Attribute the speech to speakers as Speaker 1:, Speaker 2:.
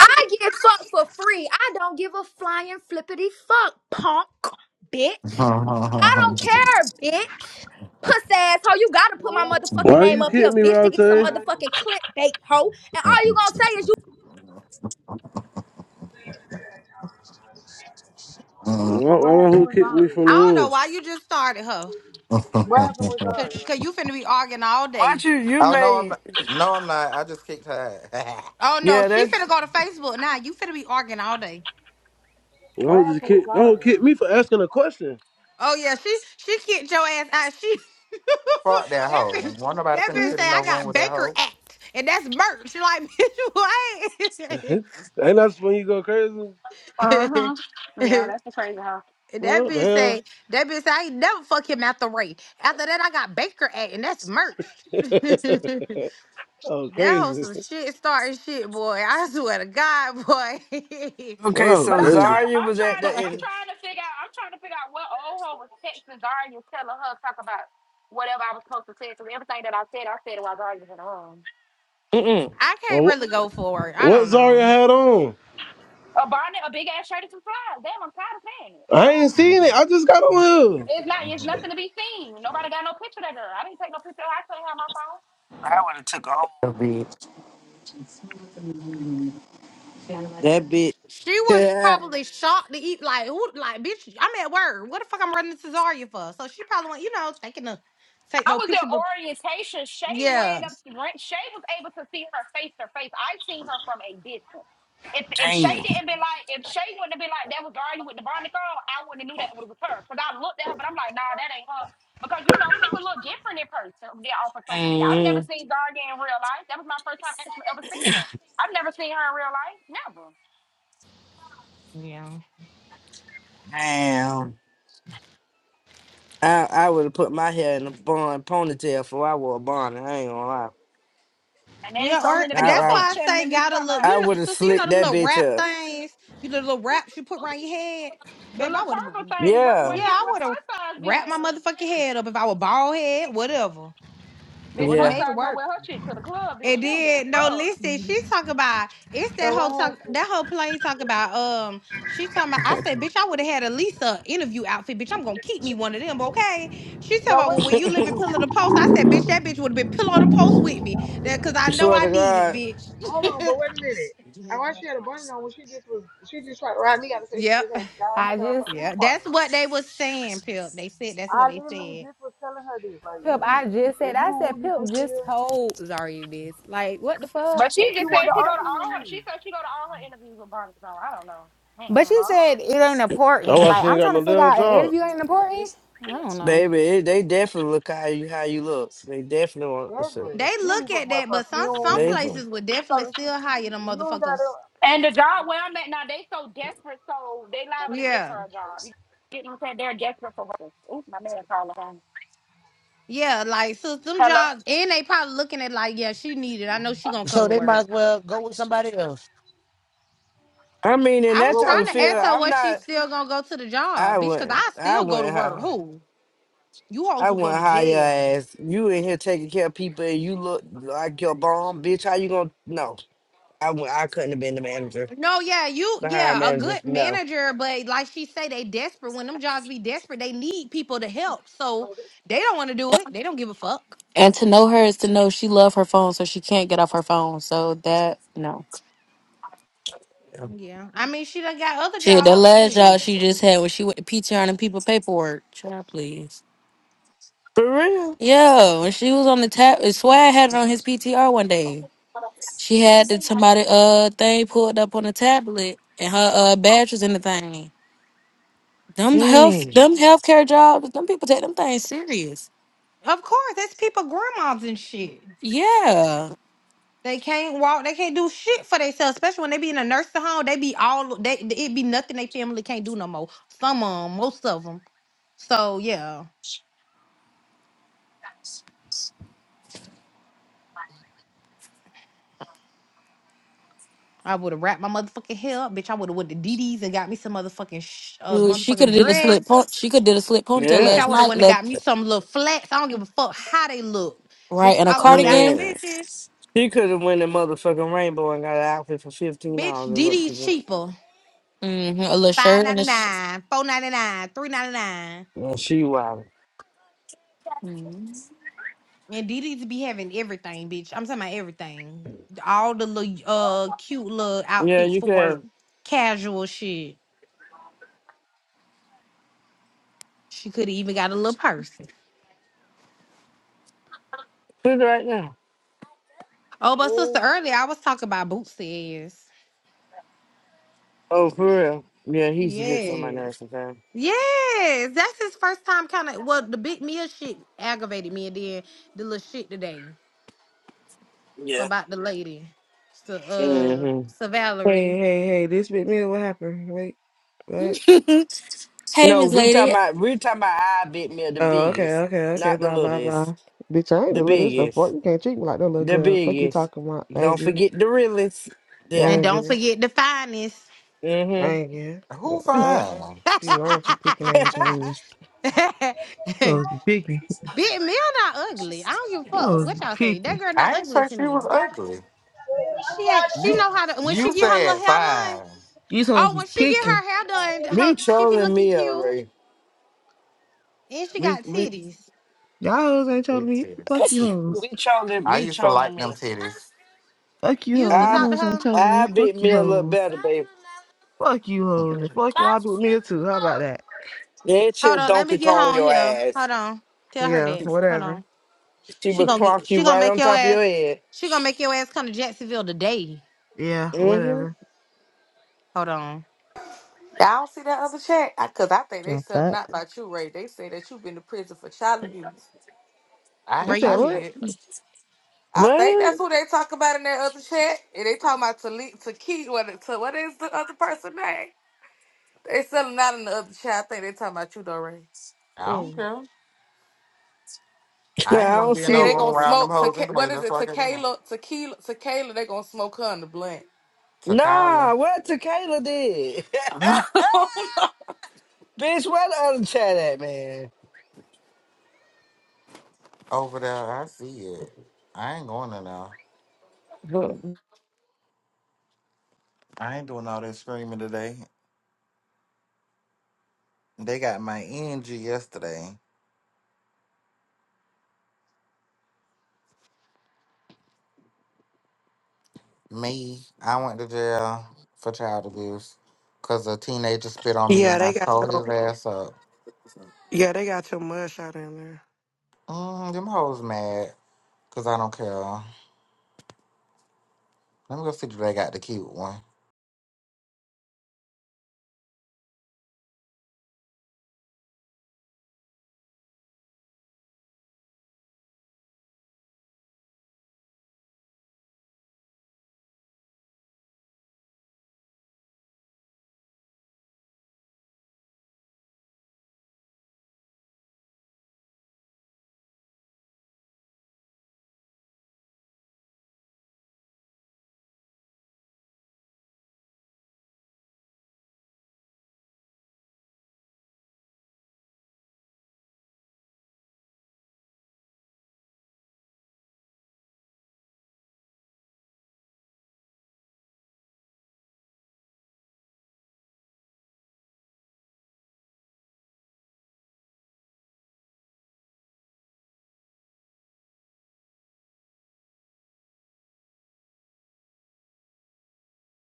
Speaker 1: I get fucked for free. I don't give a flying flippity fuck, punk, bitch.
Speaker 2: Huh, huh,
Speaker 1: I
Speaker 2: huh,
Speaker 1: don't care, bitch. Puss asshole, you gotta put
Speaker 3: Well,
Speaker 1: my
Speaker 3: what happened
Speaker 1: motherfucking
Speaker 4: Why
Speaker 2: huh.
Speaker 1: name
Speaker 3: yesterday?
Speaker 4: you
Speaker 1: up here,
Speaker 4: kick me,
Speaker 1: bitch, to
Speaker 4: Route?
Speaker 1: get some
Speaker 4: Why,
Speaker 3: What happened?
Speaker 1: motherfucking clickbait, hoe. And all you gonna say is you
Speaker 3: Well, what
Speaker 4: why the
Speaker 3: happened
Speaker 4: hoe
Speaker 3: with
Speaker 4: kick me
Speaker 3: Zaria?
Speaker 4: from
Speaker 5: I
Speaker 4: the
Speaker 5: don't know
Speaker 4: room?
Speaker 5: why you just started her.
Speaker 3: What happened with
Speaker 5: Cause,
Speaker 3: Zaria?
Speaker 5: 'cause you finna be arguing all day.
Speaker 6: Aren't you? You
Speaker 2: oh no, I'm
Speaker 6: made.
Speaker 2: not. No, I'm not. I just kicked her. ass.
Speaker 5: Oh no,
Speaker 6: Yeah,
Speaker 5: she
Speaker 6: that's
Speaker 5: finna go to Facebook now. you finna be arguing all day.
Speaker 4: The
Speaker 3: What
Speaker 4: hoe just
Speaker 3: happened with
Speaker 4: kick. The hoe
Speaker 3: Zaria?
Speaker 4: kick me for asking a question.
Speaker 5: Oh yeah, she she kicked your ass out. She
Speaker 2: Fuck that
Speaker 5: that
Speaker 2: hoe.
Speaker 5: bitch
Speaker 2: Won't nobody
Speaker 5: that
Speaker 2: finna
Speaker 7: Mm,
Speaker 2: sit
Speaker 5: bitch say
Speaker 2: in
Speaker 5: I
Speaker 2: no room
Speaker 5: got
Speaker 2: with that
Speaker 5: Baker
Speaker 2: hoe.
Speaker 5: Act and that's merch. She like
Speaker 4: Ain't that when you go crazy? Man,
Speaker 5: bitch
Speaker 8: Uh-huh. Yeah,
Speaker 5: what?
Speaker 8: that's the crazy huh?
Speaker 5: And that
Speaker 4: what the
Speaker 5: bitch say that bitch say I ain't never fuck him after Ray. After that I got Baker Act and that's
Speaker 4: hell?
Speaker 5: merch.
Speaker 4: oh,
Speaker 5: That
Speaker 4: crazy.
Speaker 5: whole
Speaker 4: Man,
Speaker 5: some shit starting shit, boy. I swear to God, boy.
Speaker 4: that
Speaker 6: okay.
Speaker 4: hoe
Speaker 8: But
Speaker 6: So
Speaker 8: I'm
Speaker 4: crazy.
Speaker 8: trying to
Speaker 6: Zarya
Speaker 8: I'm
Speaker 6: was at
Speaker 8: trying to
Speaker 6: the
Speaker 8: I'm
Speaker 6: end.
Speaker 5: boy.
Speaker 8: trying to figure out I'm trying to figure out what old hoe was texting Zarya telling her talk about whatever I was supposed to say. So everything that I said, I said it while Zarya was in the room.
Speaker 6: Mm-mm.
Speaker 5: I can't
Speaker 4: Well,
Speaker 5: really
Speaker 4: wh-
Speaker 5: go for it. I
Speaker 4: what
Speaker 5: don't
Speaker 4: Zaria
Speaker 5: know.
Speaker 4: had on?
Speaker 8: A bonnet, a big ass shirt and some flies. Damn, I'm tired of paying it. The
Speaker 4: I
Speaker 8: fuck?
Speaker 4: ain't seen it. I just got on here.
Speaker 8: It's not it's
Speaker 2: Mhm.
Speaker 8: nothing to be seen. Nobody got no picture of that girl. I didn't take no picture of her. I couldn't have my phone.
Speaker 6: I would have took a whole bitch. That bitch.
Speaker 5: She was
Speaker 6: Yeah.
Speaker 5: probably shocked to eat like who like bitch, I'm at work. What the fuck I'm running to Zarya for? So she probably went, you know, thinking to take
Speaker 8: I
Speaker 5: no
Speaker 8: was
Speaker 5: picture
Speaker 8: at
Speaker 5: but
Speaker 8: orientation. Shay
Speaker 5: yeah.
Speaker 8: ran up ran, Shay was able to see her face to face. I seen her from a distance. If if Shay
Speaker 6: Damn.
Speaker 8: didn't be like, if Shay wouldn't have been like that was Barney with the Barney girl, I wouldn't have knew that was her. Because I looked at her, but I'm like, nah, that ain't her. Because you know, people look different in person than off of social media. I've never
Speaker 6: Mm-mm.
Speaker 8: seen Garney in real life. That was my first time actually ever seeing her. I've never seen her in real life, never.
Speaker 5: Yeah.
Speaker 6: Damn. I I would have put my hair in a bun ponytail before I wore a bun. I ain't gonna lie.
Speaker 8: And then
Speaker 5: Yeah,
Speaker 8: so
Speaker 5: or
Speaker 8: many
Speaker 5: uh,
Speaker 6: I
Speaker 8: people
Speaker 5: that's
Speaker 6: I,
Speaker 8: back
Speaker 5: why I say
Speaker 8: channeling me
Speaker 5: gotta
Speaker 8: talking
Speaker 5: look.
Speaker 8: about
Speaker 6: I
Speaker 5: You know,
Speaker 6: would have
Speaker 5: sister, you know
Speaker 6: slicked
Speaker 5: them
Speaker 6: that
Speaker 5: little
Speaker 6: bitch
Speaker 5: wrap
Speaker 6: up.
Speaker 5: things. You know, the little wraps you put around your head. Babe,
Speaker 8: the
Speaker 5: I
Speaker 8: little
Speaker 5: would have.
Speaker 8: purple thing. What what
Speaker 6: Yeah.
Speaker 5: Yeah,
Speaker 8: ne-
Speaker 5: I
Speaker 8: what
Speaker 5: would have
Speaker 8: fun size be
Speaker 5: wrapped my
Speaker 8: wearing?
Speaker 5: motherfucking head up if I were bald head. Whatever, I
Speaker 8: This
Speaker 5: would have
Speaker 8: fun
Speaker 6: Yeah.
Speaker 5: made it
Speaker 8: size gonna
Speaker 5: work.
Speaker 8: wear her shit to the club, bitch.
Speaker 5: And
Speaker 8: She don't give a
Speaker 5: then no,
Speaker 8: fuck.
Speaker 5: listen, she's talking about it's
Speaker 3: So
Speaker 5: that whole
Speaker 3: what
Speaker 5: talk
Speaker 3: happened?
Speaker 5: that whole plane talking about um she talking about I said, bitch, I would have had a Lisa interview outfit, bitch. I'm gonna keep me one of them, okay? She talking
Speaker 3: No,
Speaker 5: about well,
Speaker 3: wait a
Speaker 5: when you
Speaker 3: minute.
Speaker 5: live in Pillow the Post, I said, bitch, that bitch would have been Pillow the Post with me. That cause I know
Speaker 6: Swear
Speaker 5: I
Speaker 6: to
Speaker 5: need it,
Speaker 6: God,
Speaker 3: Hold on,
Speaker 5: bitch.
Speaker 3: but wait. I was
Speaker 5: yep.
Speaker 3: down
Speaker 7: I
Speaker 3: here at
Speaker 7: just
Speaker 3: a pool
Speaker 5: Yeah. That's
Speaker 3: party.
Speaker 5: what they was saying, Pip. They said that's what
Speaker 3: I
Speaker 5: they
Speaker 3: literally
Speaker 5: said.
Speaker 3: just was telling her this, like
Speaker 7: Pip,
Speaker 3: you,
Speaker 7: I just said
Speaker 3: if you
Speaker 7: I
Speaker 3: who
Speaker 7: said
Speaker 3: you
Speaker 7: Pip
Speaker 3: think you
Speaker 7: just
Speaker 3: is,
Speaker 7: told Zarya this. Like, what the fuck?
Speaker 8: But she
Speaker 3: and she
Speaker 8: just
Speaker 3: wanted
Speaker 8: said
Speaker 3: to
Speaker 8: she go to
Speaker 3: argue with
Speaker 8: all her.
Speaker 3: me,
Speaker 8: She said she go to all her interviews with Barney. So I don't know.
Speaker 7: But she
Speaker 8: Mm-mm.
Speaker 3: huh?
Speaker 7: said it ain't
Speaker 4: Oh,
Speaker 7: important.
Speaker 4: why
Speaker 7: Like,
Speaker 4: she
Speaker 7: I'm
Speaker 4: ain't got
Speaker 7: trying to
Speaker 4: no
Speaker 7: figure
Speaker 4: damn
Speaker 7: out an
Speaker 4: job.
Speaker 7: interview ain't important. I don't know.
Speaker 6: baby, it, they definitely look how you how you look. They definitely want what's up.
Speaker 3: Every
Speaker 5: They
Speaker 3: you don't
Speaker 5: look
Speaker 3: even
Speaker 5: at
Speaker 3: fuck with
Speaker 5: that, but some some
Speaker 6: They
Speaker 3: perfume.
Speaker 5: places would
Speaker 3: You
Speaker 5: definitely
Speaker 3: certain shit
Speaker 5: still
Speaker 3: you,
Speaker 5: hire
Speaker 3: you
Speaker 5: them
Speaker 3: you don't gotta.
Speaker 5: motherfuckers.
Speaker 8: And the job where I'm at now, they so desperate, so they liable to give
Speaker 5: Yeah.
Speaker 8: her a job. You get what I'm saying? They're desperate for workers. Ooh, my man calling home.
Speaker 5: Yeah, like so them
Speaker 8: Hello.
Speaker 5: jobs and they probably looking at like, yeah, she needed. I know she gonna come
Speaker 9: So
Speaker 5: to
Speaker 9: they might
Speaker 5: work.
Speaker 9: as well go with somebody else.
Speaker 6: I mean, in
Speaker 5: I was
Speaker 6: that
Speaker 3: Well,
Speaker 6: type
Speaker 3: what
Speaker 5: trying
Speaker 6: of
Speaker 3: she
Speaker 5: to
Speaker 6: field,
Speaker 3: had
Speaker 5: ask her
Speaker 3: on?
Speaker 6: I'm
Speaker 5: what she
Speaker 6: not.
Speaker 5: still gonna go to the
Speaker 6: I
Speaker 5: job, bitch, cause
Speaker 6: wouldn't.
Speaker 5: I
Speaker 6: I
Speaker 5: still go to
Speaker 6: wouldn't
Speaker 5: work.
Speaker 6: hire.
Speaker 5: Who? You
Speaker 6: I
Speaker 5: also go
Speaker 6: wouldn't
Speaker 5: to
Speaker 6: hire your
Speaker 5: jail.
Speaker 6: ass. You in here taking care of people, and you look like your bomb, bitch. How you gonna? No, I would. I couldn't have been the manager,
Speaker 5: No, yeah, you
Speaker 6: the hiring
Speaker 5: yeah, a
Speaker 6: manager.
Speaker 5: good
Speaker 6: No,
Speaker 5: manager, but like she say, they desperate. When them jobs be desperate, they need people to help. So they don't wanna do it. They don't give a fuck.
Speaker 10: And to know her is to know she love her phone, so she can't get off her phone. So that no
Speaker 5: Yeah. I mean she done got other
Speaker 10: shit. That
Speaker 5: jobs.
Speaker 10: last job
Speaker 5: Shit.
Speaker 10: she just had when she went to PTR and people paperwork. Child, please.
Speaker 6: for real.
Speaker 10: Yo, when she was on the tap, Swag had it on his PTR one day. She had the somebody uh thing pulled up on the tablet, and her uh badge was in the thing. Them health,
Speaker 6: Mm.
Speaker 10: them healthcare jobs, them people take them things serious.
Speaker 5: Of course, that's people grandmas and shit.
Speaker 10: Yeah,
Speaker 5: They can't walk. They can't do shit for themselves. Especially when they be in a nursing home, they be all they. It be nothing they family can't do no more. Some of them, most of them. So yeah, I would have wrapped my motherfucking hair up, bitch. I would have went to DD's and got me some motherfucking sh- uh,
Speaker 10: Dude, she could
Speaker 5: motherfucking
Speaker 10: have did a slip.
Speaker 5: dress,
Speaker 10: pon- She could did a slip ponytail
Speaker 5: bitch. I
Speaker 6: Yeah.
Speaker 10: last
Speaker 5: would have
Speaker 10: night.
Speaker 5: went and
Speaker 10: Let
Speaker 5: got me some little flats. I don't give a fuck how they look,
Speaker 10: right
Speaker 5: bitch.
Speaker 10: in a
Speaker 5: I would have got them
Speaker 10: cardigan.
Speaker 6: Yeah.
Speaker 5: bitches,
Speaker 6: She could have went the motherfucking rainbow and got an outfit for fifteen
Speaker 5: bitch.
Speaker 6: dollars and looked
Speaker 5: DD's
Speaker 6: good.
Speaker 5: cheaper,
Speaker 10: hmm A little
Speaker 5: five
Speaker 10: shirt and
Speaker 5: ninety
Speaker 10: a sh-
Speaker 5: nine, four ninety nine, three ninety nine.
Speaker 6: Yeah, she wild.
Speaker 10: Mhm.
Speaker 5: And Didi to be having everything, bitch. I'm talking about everything. All the little uh cute little
Speaker 6: Yeah,
Speaker 5: outfits
Speaker 6: you
Speaker 5: for
Speaker 6: could have
Speaker 5: work, casual shit. She could have even got a little purse.
Speaker 6: put it right now.
Speaker 5: Oh, but sister, earlier I was talking about Bootsy ass.
Speaker 6: Oh, for real. Yeah, he used to get on my
Speaker 5: Yes.
Speaker 6: nerves sometimes.
Speaker 5: Yes. That's his first time kind of well, the big meal shit aggravated me and then the little shit today
Speaker 6: Yeah.
Speaker 5: about the lady. So uh
Speaker 6: hmm
Speaker 5: so Valerie.
Speaker 11: Hey, hey, hey, this bit me. What happened? Wait, what?
Speaker 10: hey,
Speaker 6: No,
Speaker 10: Miss
Speaker 6: we
Speaker 10: Lady.
Speaker 6: talking about we talking about our big meal, the
Speaker 11: Oh, okay,
Speaker 6: biggest,
Speaker 11: okay, okay.
Speaker 6: not the
Speaker 11: Bye, bye,
Speaker 6: littlest,
Speaker 11: bye. Bitch, I ain't
Speaker 6: the
Speaker 11: delivered this the little stuff
Speaker 6: biggest,
Speaker 11: fuck. you. Can't treat me like no little
Speaker 6: the
Speaker 11: girl. Fuck you
Speaker 6: biggest.
Speaker 11: talking about. Thank
Speaker 6: Don't
Speaker 11: you.
Speaker 6: forget the realest.
Speaker 5: And
Speaker 6: Yeah.
Speaker 11: Thank
Speaker 5: don't
Speaker 11: you.
Speaker 5: forget the finest.
Speaker 6: Mm-hmm.
Speaker 11: Thank you.
Speaker 2: Who
Speaker 11: Well, fuck.
Speaker 2: fine?
Speaker 11: Be wrong with you picking assholes. You hoes be picking.
Speaker 5: Big men not ugly. I don't give a
Speaker 11: You
Speaker 5: fuck
Speaker 11: hoes
Speaker 5: what
Speaker 11: be
Speaker 5: y'all say. That
Speaker 11: picking.
Speaker 5: girl not
Speaker 2: I ain't
Speaker 5: ugly
Speaker 2: say
Speaker 5: to
Speaker 2: she
Speaker 5: me.
Speaker 2: was ugly.
Speaker 5: She ain't, she
Speaker 2: You
Speaker 5: know how to when she
Speaker 2: you
Speaker 5: get her little
Speaker 2: said
Speaker 5: hair done.
Speaker 2: fine.
Speaker 11: These hoes
Speaker 5: Oh,
Speaker 11: be
Speaker 5: when she get
Speaker 11: picking.
Speaker 5: her hair done,
Speaker 6: we
Speaker 5: her she be
Speaker 6: trolling
Speaker 5: looking
Speaker 6: me
Speaker 5: cute
Speaker 6: already.
Speaker 5: and she
Speaker 6: We
Speaker 5: got
Speaker 6: we
Speaker 5: titties.
Speaker 11: Y'all hoes ain't telling
Speaker 2: Big
Speaker 11: me. Fuck
Speaker 2: titties.
Speaker 11: you hoes.
Speaker 6: we trolling
Speaker 2: I
Speaker 6: we
Speaker 2: used to
Speaker 6: trolling
Speaker 2: like them
Speaker 6: me.
Speaker 2: titties.
Speaker 11: Fuck you
Speaker 5: You used to
Speaker 11: hoes. You
Speaker 6: I
Speaker 5: talk to
Speaker 11: hoes ain't
Speaker 5: her.
Speaker 11: telling me.
Speaker 6: I
Speaker 11: Fuck
Speaker 6: big
Speaker 11: you
Speaker 6: me a little
Speaker 11: hoes.
Speaker 6: better, baby.
Speaker 11: Fuck you hoes. And fuck y'all do me too. How about that?
Speaker 6: That
Speaker 5: Hold
Speaker 6: shit
Speaker 5: on, let me
Speaker 6: Donkey
Speaker 5: get her
Speaker 6: Kong
Speaker 5: on
Speaker 6: your
Speaker 5: here.
Speaker 6: ass.
Speaker 5: Hold on, tell her
Speaker 11: Yeah,
Speaker 5: that. Hold
Speaker 11: whatever.
Speaker 5: on,
Speaker 6: She
Speaker 5: she
Speaker 6: would
Speaker 5: gonna get
Speaker 6: clonk you
Speaker 5: she gonna
Speaker 6: right
Speaker 5: make
Speaker 6: on
Speaker 5: your
Speaker 6: top of
Speaker 5: ass
Speaker 6: your head.
Speaker 5: she gonna make your ass come to Jacksonville today.
Speaker 11: Yeah,
Speaker 6: Mm-hmm.
Speaker 11: whatever.
Speaker 5: Hold on,
Speaker 12: I don't see that other chat because I, 'cause I think they
Speaker 11: Got
Speaker 12: said
Speaker 11: that.
Speaker 12: not about you, Ray. They say that you've been to prison for child abuse.
Speaker 11: You
Speaker 2: I
Speaker 5: Where
Speaker 11: said
Speaker 2: I
Speaker 5: you?
Speaker 11: what?
Speaker 2: did.
Speaker 12: I think
Speaker 6: What?
Speaker 12: that's who they talk about in that other chat. And they talking about Talik, Taki, what, to, what is the other person name? They selling out in the other chat. I think they talking about you, though, Ray.
Speaker 2: I don't
Speaker 11: Mm.
Speaker 2: care. I ain't
Speaker 6: I
Speaker 2: want
Speaker 6: don't
Speaker 2: to be in
Speaker 6: see
Speaker 2: no
Speaker 12: And they
Speaker 2: room
Speaker 6: it.
Speaker 12: gonna
Speaker 2: around them
Speaker 12: smoke
Speaker 2: hoes
Speaker 12: to what
Speaker 2: anyway.
Speaker 12: is
Speaker 2: That's
Speaker 12: it?
Speaker 2: why I got you know.
Speaker 12: Tequila, tequila, tequila. They gonna smoke her in the blunt.
Speaker 2: Takala
Speaker 6: Nah, what Tequila did? Bitch, why the other chat at, man?
Speaker 2: over there. I see it. I ain't going to now.
Speaker 6: Huh.
Speaker 2: I ain't doing all that screaming today. They got my energy yesterday. Me, I went to jail for child abuse because a teenager spit on me
Speaker 13: Yeah,
Speaker 2: and I
Speaker 13: they got
Speaker 2: tore
Speaker 13: your
Speaker 2: his ass up.
Speaker 13: yeah, they got your mugshot in there.
Speaker 2: Mm, them hoes mad because I don't care. Let me go see if they got the cute one.